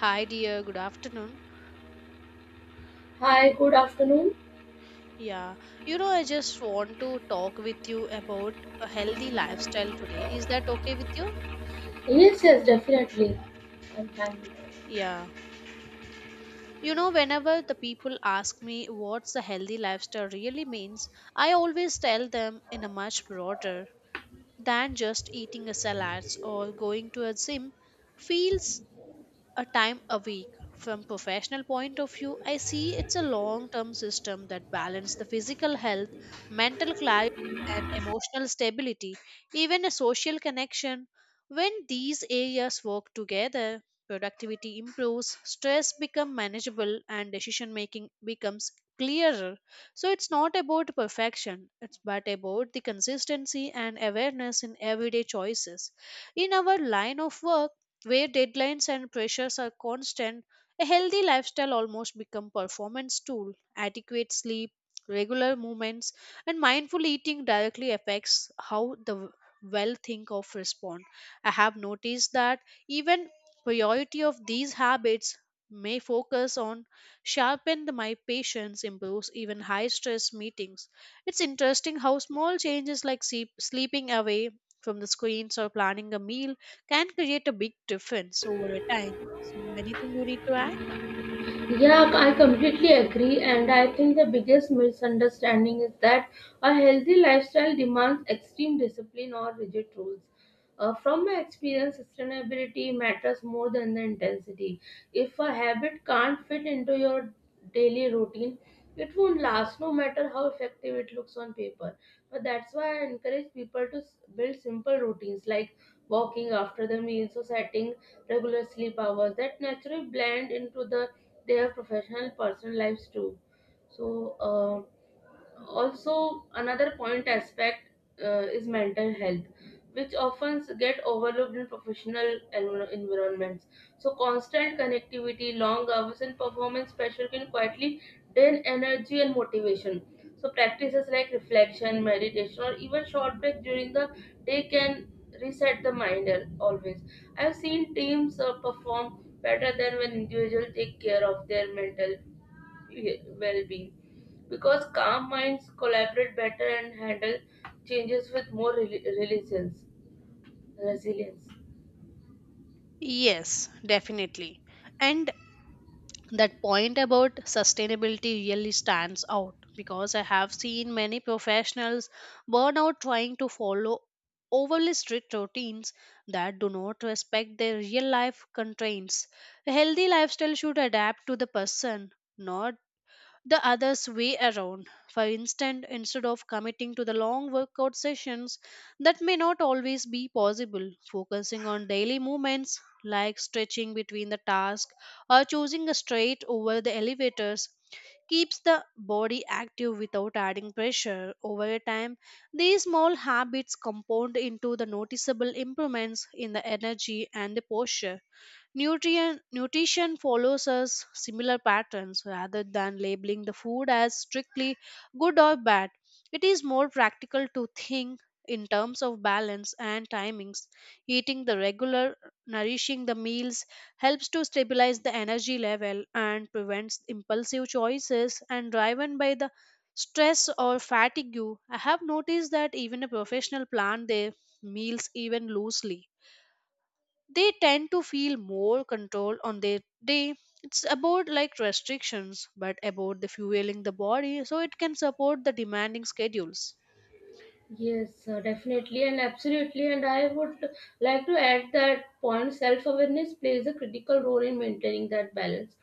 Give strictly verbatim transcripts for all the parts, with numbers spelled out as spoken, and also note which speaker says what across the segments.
Speaker 1: Hi, dear. Good afternoon.
Speaker 2: Hi, good afternoon.
Speaker 1: Yeah, you know, I just want to talk with you about a healthy lifestyle today. Is that okay with you?
Speaker 2: Yes, yes, definitely. I'm
Speaker 1: Mm.
Speaker 2: fine.
Speaker 1: Yeah. You know, whenever the people ask me what's a healthy lifestyle really means, I always tell them in a much broader than just eating a salads or going to a gym. Feels a time a week from professional point of view, I see it's a long term system that balance the physical health, mental clarity, and emotional stability, even a social connection. When these areas work together, productivity improves, stress becomes manageable, and decision making becomes clearer. So it's not about perfection, it's but about the consistency and awareness in everyday choices. In our line of work, where deadlines and pressures are constant, a healthy lifestyle almost become performance tool. Adequate sleep, regular movements, and mindful eating directly affects how the well think of respond. I have noticed that even priority of these habits may focus on sharpen the- my patience, improves even high stress meetings. It's interesting how small changes like sleep, sleeping away from the screens or planning a meal can create a big difference over a time. So, anything you need to add?
Speaker 2: Yeah, I completely agree, and I think the biggest misunderstanding is that a healthy lifestyle demands extreme discipline or rigid rules. Uh, from my experience, sustainability matters more than the intensity. If a habit can't fit into your daily routine, it won't last no matter how effective it looks on paper. But that's why I encourage people to s- build simple routines like walking after the meals or setting regular sleep hours that naturally blend into the their professional personal lives too. So uh, also another point aspect uh, is mental health, which often get overlooked in professional envir- environments. So constant connectivity, long hours, and performance pressure can quietly drain energy and motivation. So practices like reflection, meditation, or even short break during the day can reset the mind al- always. I have seen teams uh, perform better than when individuals take care of their mental well-being, because calm minds collaborate better and handle changes with more rel- resilience Resilience.
Speaker 1: Yes, definitely. And that point about sustainability really stands out because I have seen many professionals burn out trying to follow overly strict routines that do not respect their real life constraints. A healthy lifestyle should adapt to the person, not the other's way around. For instance, instead of committing to the long workout sessions that may not always be possible, focusing on daily movements like stretching between the tasks or choosing a straight over the elevators keeps the body active without adding pressure over time. These small habits compound into the noticeable improvements in the energy and the posture. Nutrient, nutrition follows us similar patterns rather than labeling the food as strictly good or bad. It is more practical to think in terms of balance and timings. Eating the regular, nourishing the meals helps to stabilize the energy level and prevents impulsive choices and driven by the stress or fatigue. I have noticed that even a professional plan their meals even loosely, they tend to feel more control on their day. It's about like restrictions but about the fueling the body so it can support the demanding schedules.
Speaker 2: Yes, uh, definitely and absolutely. And I would like to add that point self awareness plays a critical role in maintaining that balance.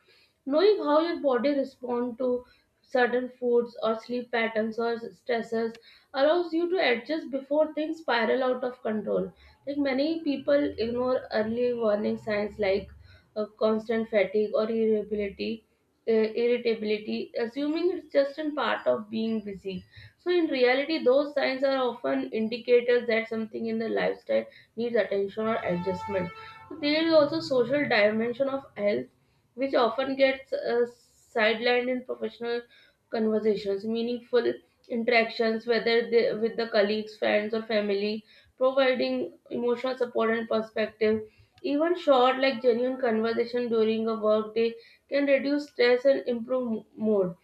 Speaker 2: Knowing how your body responds to certain foods or sleep patterns or stressors allows you to adjust before things spiral out of control. Like, many people ignore early warning signs like uh, constant fatigue or irritability, uh, irritability, assuming it's just a part of being busy. So, in reality, those signs are often indicators that something in the lifestyle needs attention or adjustment. So, there is also social dimension of health, which often gets uh, sidelined in professional conversations. Meaningful interactions, whether they, with the colleagues, friends, or family, providing emotional support and perspective. Even short, like genuine conversation during a workday, can reduce stress and improve mo- mood.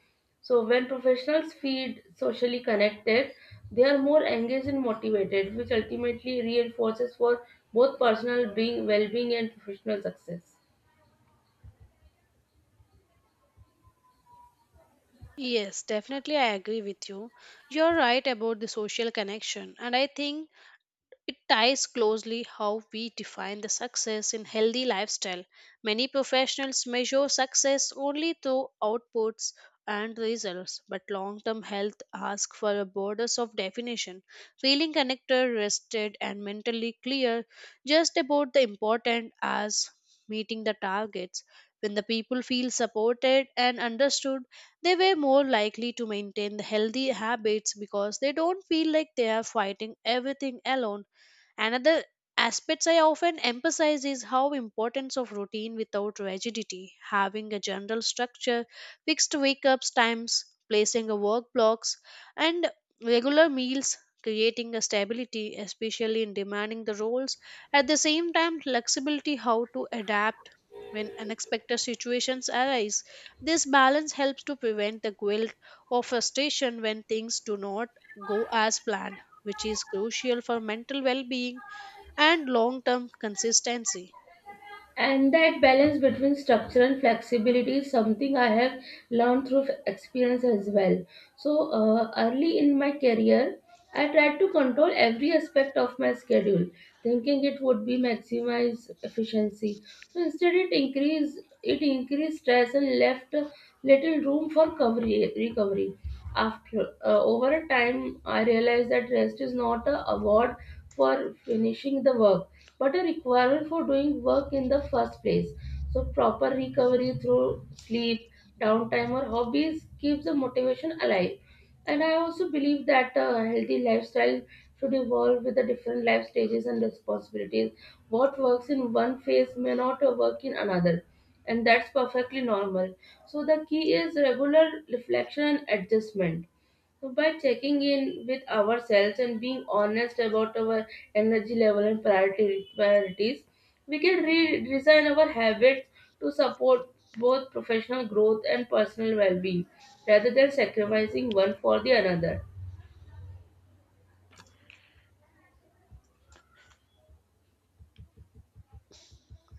Speaker 2: So, when professionals feel socially connected, they are more engaged and motivated, which ultimately reinforces for both personal being, well-being, and professional success.
Speaker 1: Yes, definitely, I agree with you. You're right about the social connection and I think it ties closely how we define the success in healthy lifestyle. Many professionals measure success only through outputs and results, but long-term health asks for a borders of definition. Feeling connected, rested, and mentally clear just about the important as meeting the targets. When the people feel supported and understood, they were more likely to maintain the healthy habits because they don't feel like they are fighting everything alone. Another aspects I often emphasize is how importance of routine without rigidity, having a general structure, fixed wake-ups times, placing a work blocks, and regular meals, creating a stability, especially in demanding the roles. At the same time, flexibility how to adapt when unexpected situations arise. This balance helps to prevent the guilt or frustration when things do not go as planned, which is crucial for mental well being and long term consistency.
Speaker 2: And that balance between structure and flexibility is something I have learned through experience as well. So, uh, early in my career, I tried to control every aspect of my schedule, thinking it would be maximize efficiency. So instead, it increased it increased stress and left little room for recovery. recovery. After uh, over a time, I realized that rest is not a award for finishing the work, but a requirement for doing work in the first place. So proper recovery through sleep, downtime, or hobbies keeps the motivation alive. And I also believe that a healthy lifestyle should evolve with the different life stages and responsibilities. What works in one phase may not uh, work in another, and that's perfectly normal. So, the key is regular reflection and adjustment. So, by checking in with ourselves and being honest about our energy level and priority, priorities, we can re- design our habits to support both professional growth and personal well being rather than sacrificing one for the another.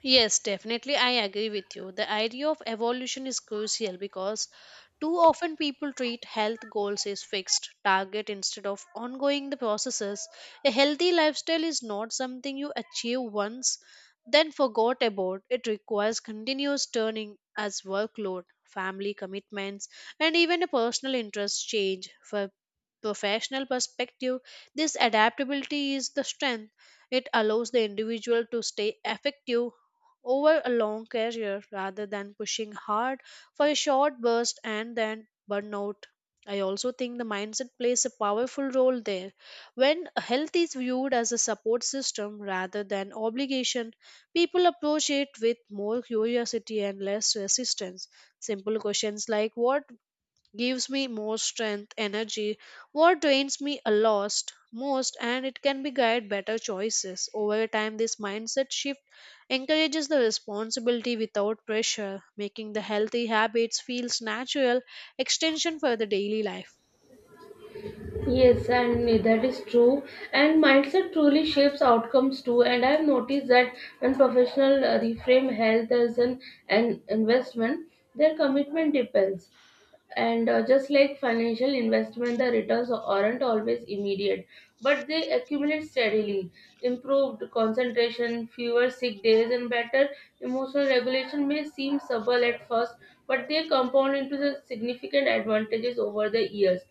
Speaker 1: Yes, definitely. I agree with you. The idea of evolution is crucial because too often people treat health goals as fixed target instead of ongoing the processes. A healthy lifestyle is not something you achieve once, then forgot about. It requires continuous turning as workload, family commitments, and even a personal interest change. For professional perspective, this adaptability is the strength. It allows the individual to stay effective over a long career rather than pushing hard for a short burst and then burnout. I also think the mindset plays a powerful role there. When health is viewed as a support system rather than obligation, people approach it with more curiosity and less resistance. Simple questions like what gives me more strength, energy. What drains me a lost most, and it can be guide better choices. Over time, this mindset shift encourages the responsibility without pressure, making the healthy habits feels natural extension for the daily life.
Speaker 2: Yes, and that is true. And mindset truly shapes outcomes too. And I have noticed that when professionals uh, reframe health as an, an investment, their commitment depends. And uh, just like financial investment, the returns aren't always immediate, but they accumulate steadily. Improved concentration, fewer sick days, and better emotional regulation may seem subtle at first, but they compound into the significant advantages over the years.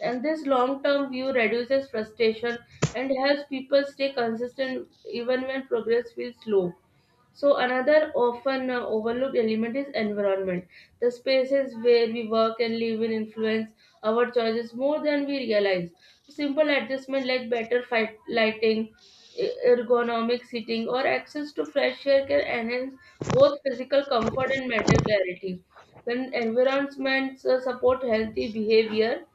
Speaker 2: And this long term view reduces frustration and helps people stay consistent even when progress feels slow. So, another often uh, overlooked element is environment. The spaces where we work and live in influence our choices more than we realize. Simple adjustment like better fight, lighting, e- ergonomic seating, or access to fresh air can enhance both physical comfort and mental clarity. When environments uh, support healthy behavior,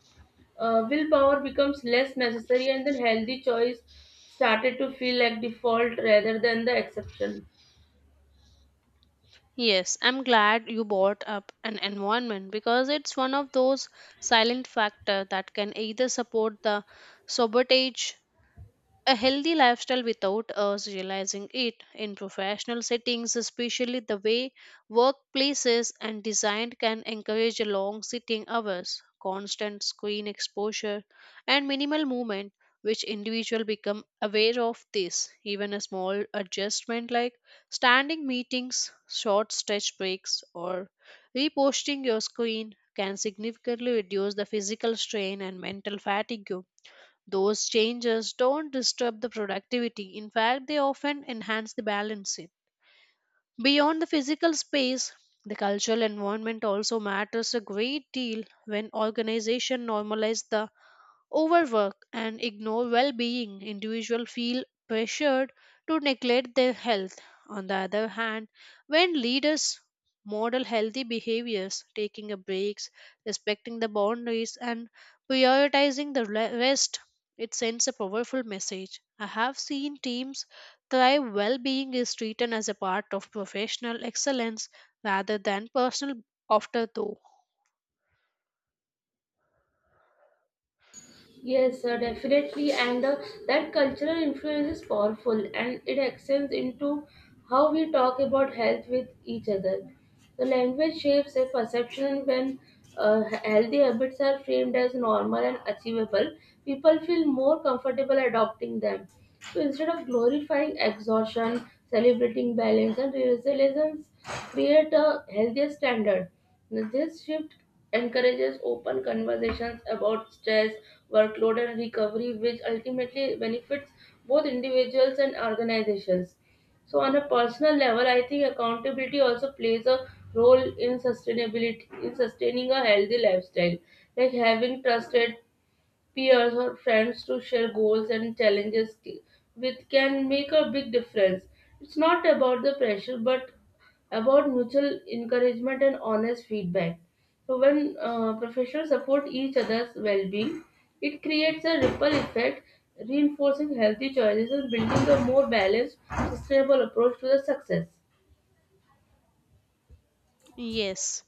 Speaker 2: uh, willpower becomes less necessary, and then healthy choice started to feel like default rather than the exception.
Speaker 1: Yes, I'm glad you brought up an environment because it's one of those silent factor that can either support the sabotage a healthy lifestyle without us realizing it. In professional settings, especially the way workplaces and design can encourage long sitting hours, constant screen exposure, and minimal movement, which individual become aware of this. Even a small adjustment like standing meetings, short stretch breaks, or reposting your screen can significantly reduce the physical strain and mental fatigue. Those changes don't disturb the productivity. In fact, they often enhance the balance. Beyond the physical space, the cultural environment also matters a great deal. When organizations normalize the overwork and ignore well being, individuals feel pressured to neglect their health. On the other hand, when leaders model healthy behaviors, taking a breaks, respecting the boundaries, and prioritizing the re- rest, it sends a powerful message. I have seen teams thrive well being is treated as a part of professional excellence rather than personal afterthought.
Speaker 2: Yes, sir, definitely. And uh, that cultural influence is powerful and it extends into how we talk about health with each other. The language shapes a perception. When uh, healthy habits are framed as normal and achievable, people feel more comfortable adopting them. So instead of glorifying exhaustion, celebrating balance and resilience, create a healthier standard. Now, this shift encourages open conversations about stress, workload, and recovery, which ultimately benefits both individuals and organizations. So, on a personal level, I think accountability also plays a role in sustainability in sustaining a healthy lifestyle, like having trusted peers or friends to share goals and challenges t- with can make a big difference. It's not about the pressure, but about mutual encouragement and honest feedback. So when uh, professionals support each other's well-being, it creates a ripple effect, reinforcing healthy choices and building a more balanced, sustainable approach to the success.
Speaker 1: Yes.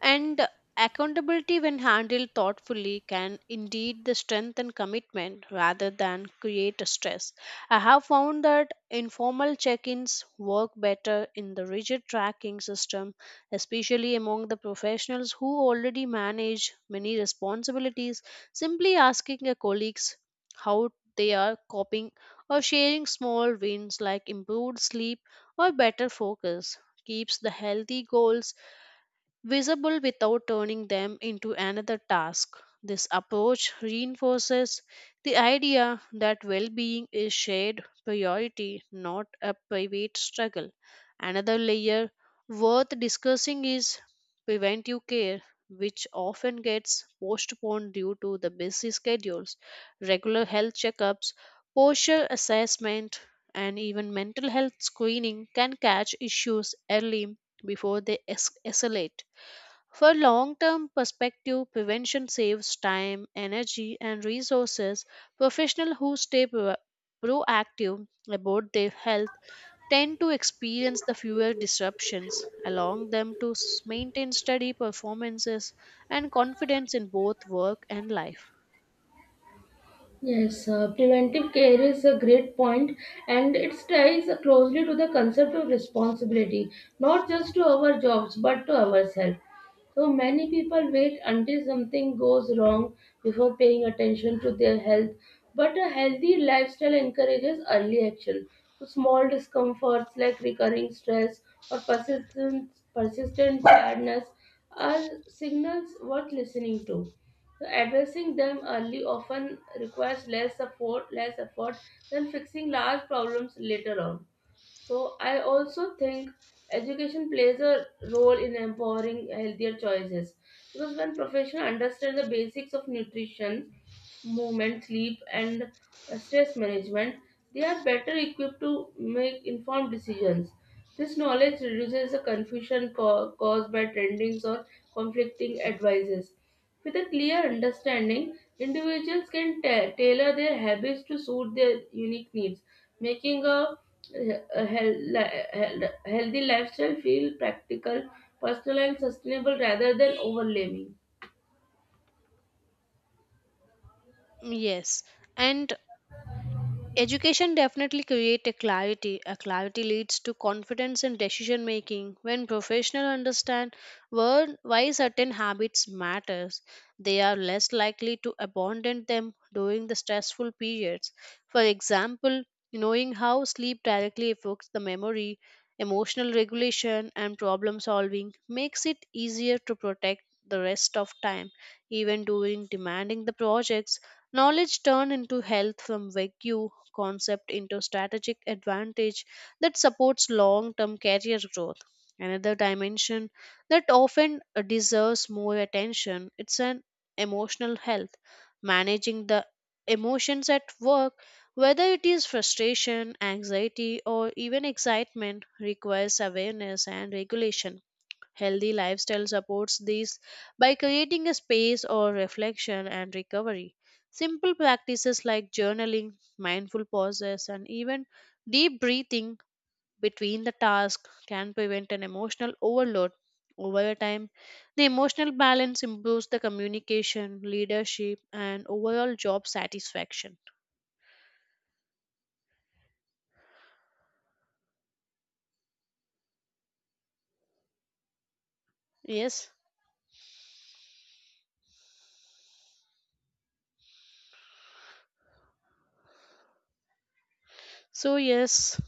Speaker 1: And accountability, when handled thoughtfully, can indeed the strength and commitment rather than create a stress. I have found that informal check ins work better in the rigid tracking system, especially among the professionals who already manage many responsibilities. Simply asking your colleagues how they are coping or sharing small wins like improved sleep or better focus keeps the healthy goals visible without turning them into another task. This approach reinforces the idea that well being is shared priority, not a private struggle. Another layer worth discussing is preventive care, which often gets postponed due to the busy schedules, regular health checkups, posture assessment, and even mental health screening can catch issues early before they es- escalate. For long term perspective, prevention saves time, energy, and resources. Professionals who stay pro- proactive about their health tend to experience the fewer disruptions, allowing them to s- maintain steady performances and confidence in both work and life.
Speaker 2: Yes, uh, preventive care is a great point, and it ties closely to the concept of responsibility, not just to our jobs but to ourselves. So many people wait until something goes wrong before paying attention to their health, but a healthy lifestyle encourages early action. So small discomforts like recurring stress or persistent, persistent tiredness are signals worth listening to. So addressing them early often requires less effort, less effort than fixing large problems later on. So I also think education plays a role in empowering healthier choices, because when professionals understand the basics of nutrition, movement, sleep, and uh, stress management, they are better equipped to make informed decisions. This knowledge reduces the confusion ca- caused by trendings or conflicting advices. With a clear understanding, individuals can ta- tailor their habits to suit their unique needs, making a, a hel- li- hel- healthy lifestyle feel practical, personal, and sustainable rather than overwhelming.
Speaker 1: Yes, and education definitely creates a clarity. A clarity leads to confidence in decision making. When professionals understand where- why certain habits matters, they are less likely to abandon them during the stressful periods. For example, knowing how sleep directly affects the memory, emotional regulation, and problem solving makes it easier to protect the rest of time, even during demanding the projects. Knowledge turned into health from vague concept into strategic advantage that supports long term career growth. Another dimension that often uh, deserves more attention it's an emotional health, managing the emotions at work, whether it is frustration, anxiety, or even excitement, requires awareness and regulation. Healthy lifestyle supports this by creating a space or reflection and recovery. Simple practices like journaling, mindful pauses, and even deep breathing between the tasks can prevent an emotional overload. Over a time, the emotional balance improves the communication, leadership, and overall job satisfaction. Yes. So, yes,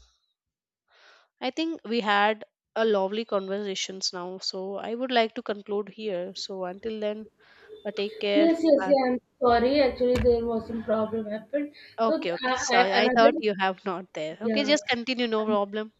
Speaker 1: I think we had a lovely conversations now. So, I would like to conclude here. So, until then, but take care.
Speaker 2: Yes, yes,
Speaker 1: Bye.
Speaker 2: yeah. I'm sorry. Actually, there was some problem happened. So,
Speaker 1: Okay, okay.
Speaker 2: I, I,
Speaker 1: Sorry, I thought
Speaker 2: another,
Speaker 1: you have not there. Okay,
Speaker 2: yeah.
Speaker 1: just continue, no problem.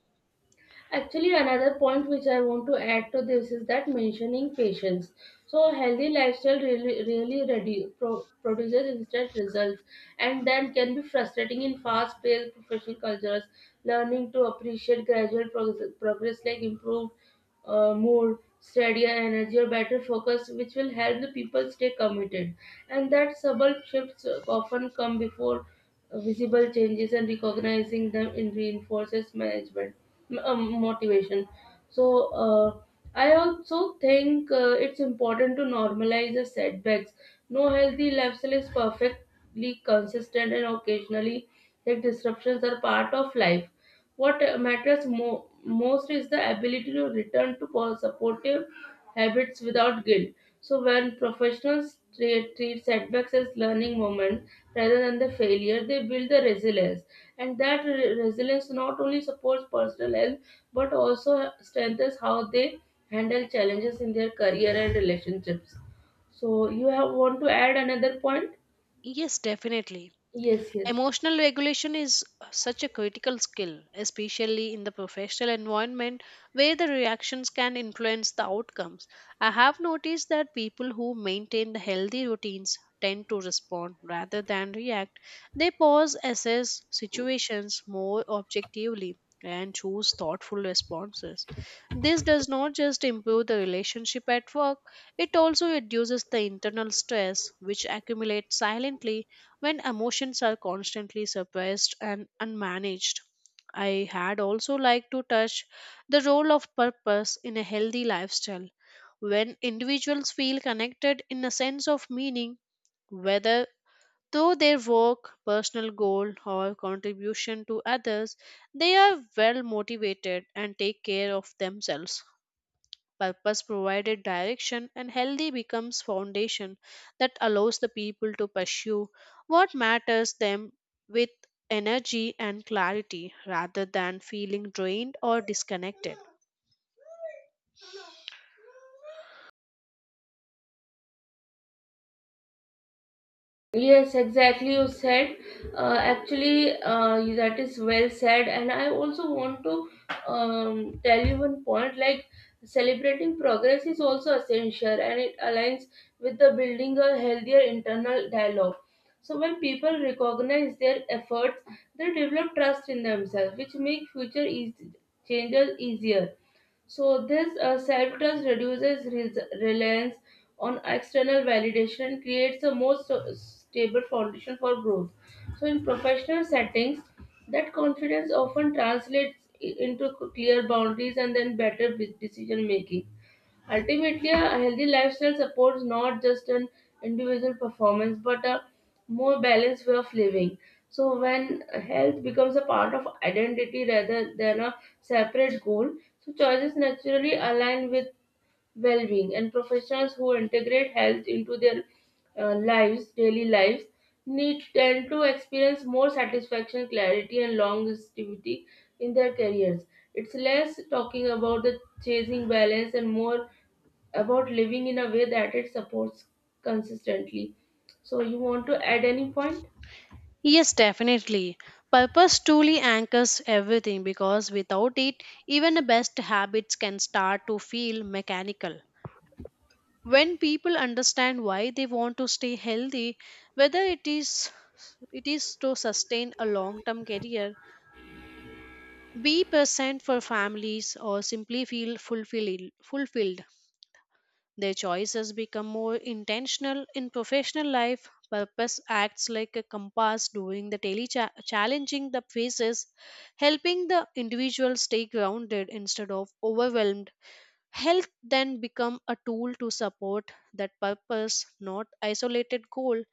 Speaker 2: Actually, another point which I want to add to this is that mentioning patience. So, healthy lifestyle really, really redu- pro- produces instant results and then can be frustrating in fast paced professional cultures. Learning to appreciate gradual progress, progress like improved uh, mood, steadier energy, or better focus, which will help the people stay committed. And that subtle shifts often come before visible changes, and recognizing them in reinforces management um, motivation. So uh, I also think uh, it's important to normalize the setbacks. No healthy lifestyle is perfectly consistent, and occasionally, like disruptions are part of life. What matters mo- most is the ability to return to po- supportive habits without guilt. So when professionals treat, treat setbacks as learning moments rather than the failure, they build the resilience, and that re- resilience not only supports personal health but also strengthens how they handle challenges in their career and relationships. So, you have want to add another point?
Speaker 1: Yes, definitely.
Speaker 2: Yes, yes.
Speaker 1: Emotional regulation is such a critical skill, especially in the professional environment where the reactions can influence the outcomes. I have noticed that people who maintain the healthy routines tend to respond rather than react. They pause, assess situations more objectively, and choose thoughtful responses. This does not just improve the relationship at work, it also reduces the internal stress which accumulates silently when emotions are constantly suppressed and unmanaged. I had also like to touch the role of purpose in a healthy lifestyle. When individuals feel connected in a sense of meaning, whether through their work, personal goal, or contribution to others, they are well motivated and take care of themselves. Purpose provided direction and healthy becomes foundation that allows the people to pursue what matters them with energy and clarity rather than feeling drained or disconnected.
Speaker 2: Yes, exactly. You said uh, actually uh, that is well said, and I also want to um, tell you one point. Like, celebrating progress is also essential, and it aligns with the building a healthier internal dialogue. So when people recognize their efforts, they develop trust in themselves, which make future eas- changes easier. So this uh, self trust reduces res- reliance on external validation creates a more so- stable foundation for growth. So, in professional settings, that confidence often translates i- into clear boundaries and then better bu- decision making. Ultimately, a healthy lifestyle supports not just an individual performance but a more balanced way of living. So, when health becomes a part of identity rather than a separate goal, so choices naturally align with well-being, and professionals who integrate health into their uh, lives daily lives need tend to experience more satisfaction, clarity, and longevity in their careers. It's less talking about the chasing balance and more about living in a way that it supports consistently. So you want to add any point?
Speaker 1: Yes, definitely. Purpose truly anchors everything because without it, even the best habits can start to feel mechanical. When people understand why they want to stay healthy, whether it is it is to sustain a long term career, be present for families or simply feel fulfilled. fulfilled. Their choices become more intentional in professional life. Purpose acts like a compass during the daily cha- challenging the phases, helping the individual stay grounded instead of overwhelmed. Health then become a tool to support that purpose, not isolated goal.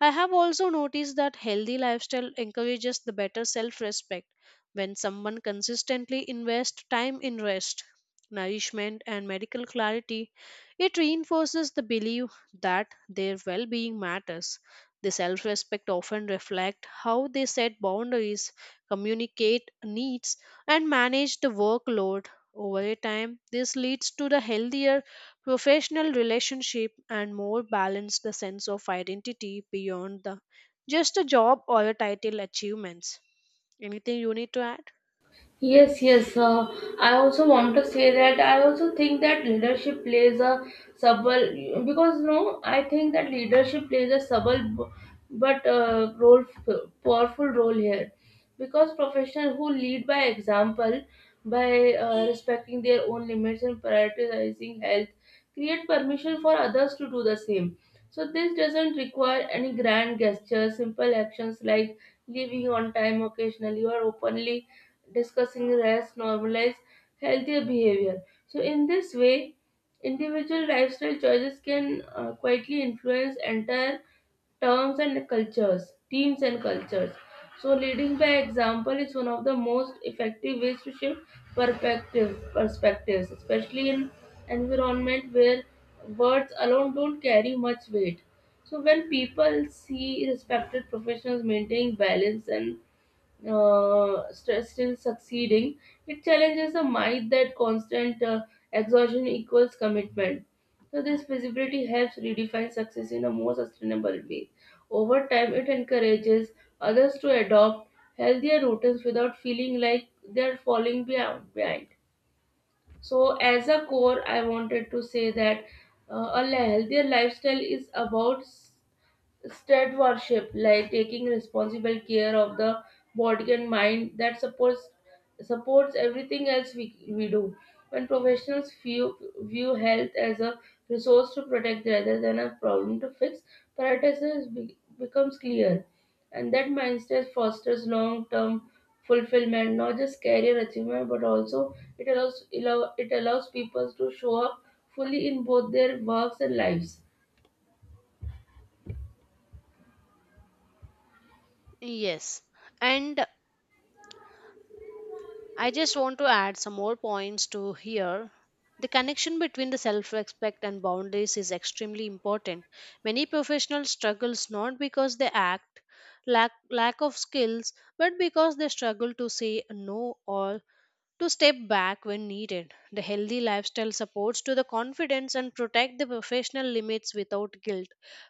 Speaker 1: I have also noticed that healthy lifestyle encourages the better self-respect when someone consistently invests time in rest, nourishment and medical clarity. It reinforces the belief that their well-being matters. The self-respect often reflect how they set boundaries, communicate needs and manage the workload over a time, this leads to the healthier professional relationship and more balanced the sense of identity beyond the just a job or a title achievements. Anything you need to add?
Speaker 2: Yes, yes. Uh, I also want to say that I also think that leadership plays a subtle because no, I think that leadership plays a subtle b- but uh, role powerful role here, because professionals who lead by example, by uh, respecting their own limits and prioritizing health, create permission for others to do the same. So this doesn't require any grand gestures. Simple actions like leaving on time occasionally or openly discussing rest, normalize healthier behavior. So, in this way, individual lifestyle choices can uh, quietly influence entire terms and cultures, teams and cultures. So, leading by example is one of the most effective ways to shift perspective, perspectives, especially in environment where words alone don't carry much weight. So, when people see respected professionals maintaining balance and uh, st- still succeeding, it challenges the myth that constant uh, exhaustion equals commitment. So, this visibility helps redefine success in a more sustainable way. Over time, it encourages others to adopt healthier routines without feeling like they are falling behind. behind. So, as a core, I wanted to say that uh, a healthier lifestyle is about State worship, like taking responsible care of the body and mind that supports supports everything else we, we do. When professionals view view health as a resource to protect rather than a problem to fix, priorities be, becomes clear, and that mindset fosters long term fulfillment, not just career achievement, but also it allows allow, it allows people to show up fully in both their works and lives.
Speaker 1: Yes. And I just want to add some more points to here. The connection between the self respect and boundaries is extremely important. Many professionals struggles not because they act lack lack of skills but because they struggle to say no or to step back when needed. The healthy lifestyle supports to the confidence and protect the professional limits without guilt.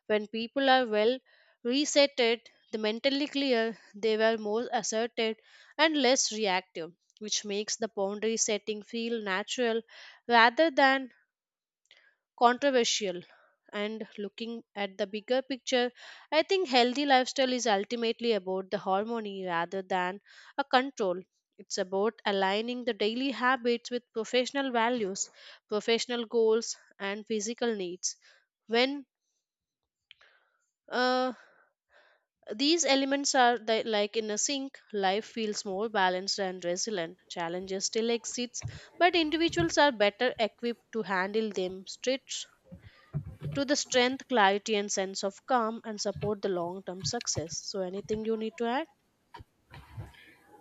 Speaker 1: When people are well resetted, the mentally clear, they were more assertive and less reactive, which makes the boundary setting feel natural rather than controversial. And looking at the bigger picture, I think healthy lifestyle is ultimately about the harmony rather than a control. It's about aligning the daily habits with professional values, professional goals and physical needs. When uh, these elements are the, like in a sync, life feels more balanced and resilient. Challenges still exist, but individuals are better equipped to handle them. Strict to the strength, clarity, and sense of calm and support the long term success. So, anything you need to add?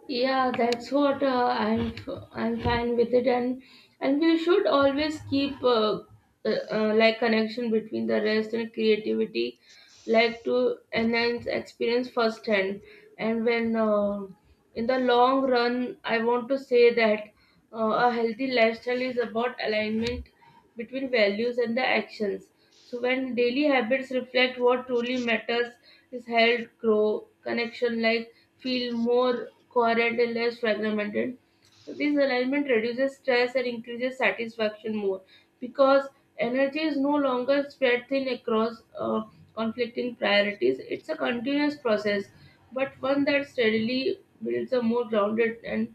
Speaker 2: Yeah, that's what uh, I'm. I'm fine with it, and and we should always keep uh, uh, uh, like connection between the rest and creativity, like to enhance experience firsthand. And when uh, in the long run, I want to say that uh, a healthy lifestyle is about alignment between values and the actions. So when daily habits reflect what truly matters is health, grow, connection, like feel more coherent and less fragmented. So this alignment reduces stress and increases satisfaction more because energy is no longer spread thin across uh, conflicting priorities. It's a continuous process, but one that steadily builds a more grounded and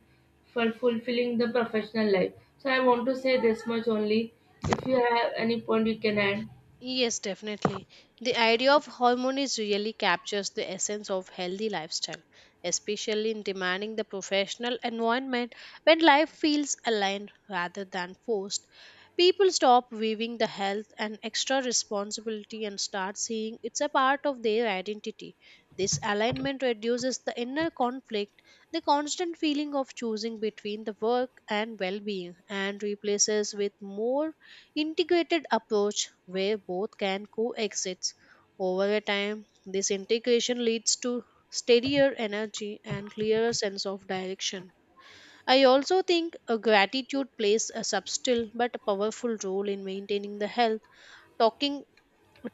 Speaker 2: for fulfilling the professional life. So I want to say this much only. If you have any point, you can add.
Speaker 1: Yes, definitely. The idea of harmonies really captures the essence of healthy lifestyle, especially in demanding the professional environment when life feels aligned rather than forced. People stop viewing the health and extra responsibility and start seeing it's a part of their identity. This alignment reduces the inner conflict, the constant feeling of choosing between the work and well being, and replaces with more integrated approach where both can coexist. Over a time, this integration leads to steadier energy and clearer sense of direction. I also think a gratitude plays a subtle but powerful role in maintaining the health. Talking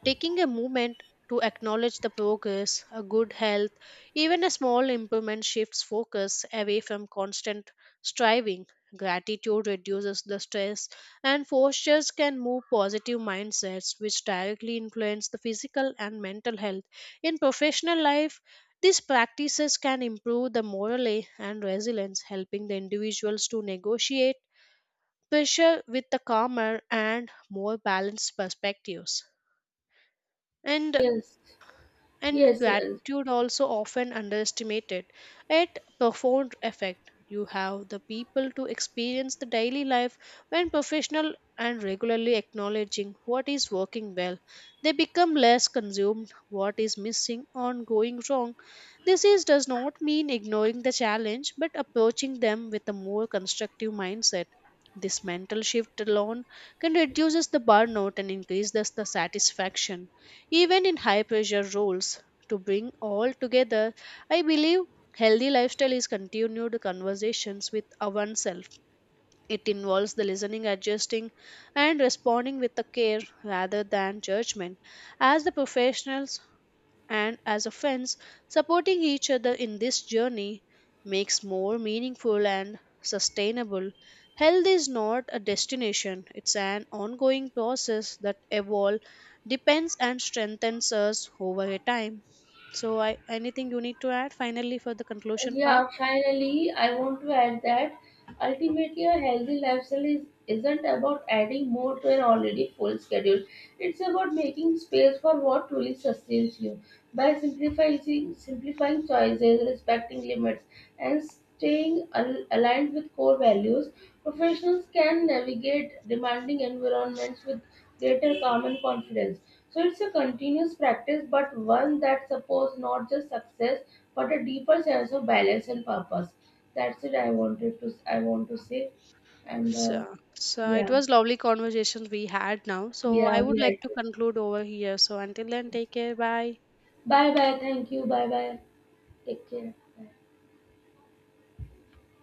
Speaker 1: Taking a moment to acknowledge the progress, a good health, even a small improvement shifts focus away from constant striving. Gratitude reduces the stress, and postures can move positive mindsets, which directly influence the physical and mental health. In professional life, these practices can improve the morale and resilience, helping the individuals to negotiate pressure with the calmer and more balanced perspectives. And
Speaker 2: Yes,
Speaker 1: and
Speaker 2: yes, uh,
Speaker 1: gratitude also often underestimated it profound effect you have the people to experience the daily life when professional and regularly acknowledging what is working well, they become less consumed what is missing or going wrong. This is does not mean ignoring the challenge but approaching them with a more constructive mindset. This mental shift alone can reduces the burnout and increase thus the satisfaction even in high pressure roles. To bring all together, I believe healthy lifestyle is continued conversations with oneself. It involves the listening, adjusting, and responding with the care rather than judgment. As the professionals and as a friends, supporting each other in this journey makes more meaningful and sustainable. Health is not a destination, it's an ongoing process that evolves, depends and strengthens us over a time. So I, anything you need to add finally for the conclusion part?
Speaker 2: yeah, finally, I want to add that ultimately a healthy lifestyle is, isn't about adding more to an already full schedule. It's about making space for what truly sustains you by simplifying, simplifying choices, respecting limits, and staying al- aligned with core values. Professionals can navigate demanding environments with greater calm and confidence. So it's a continuous practice, but one that supports not just success, but a deeper sense of balance and purpose. That's it. I wanted to. I want to say, and uh,
Speaker 1: So, so it
Speaker 2: yeah,
Speaker 1: was lovely conversations we had now, so I
Speaker 2: yeah, we
Speaker 1: would like
Speaker 2: had.
Speaker 1: to
Speaker 2: To.
Speaker 1: conclude over here. So until then, take care, bye.
Speaker 2: Bye bye. Thank you. Bye bye. Take care. Bye.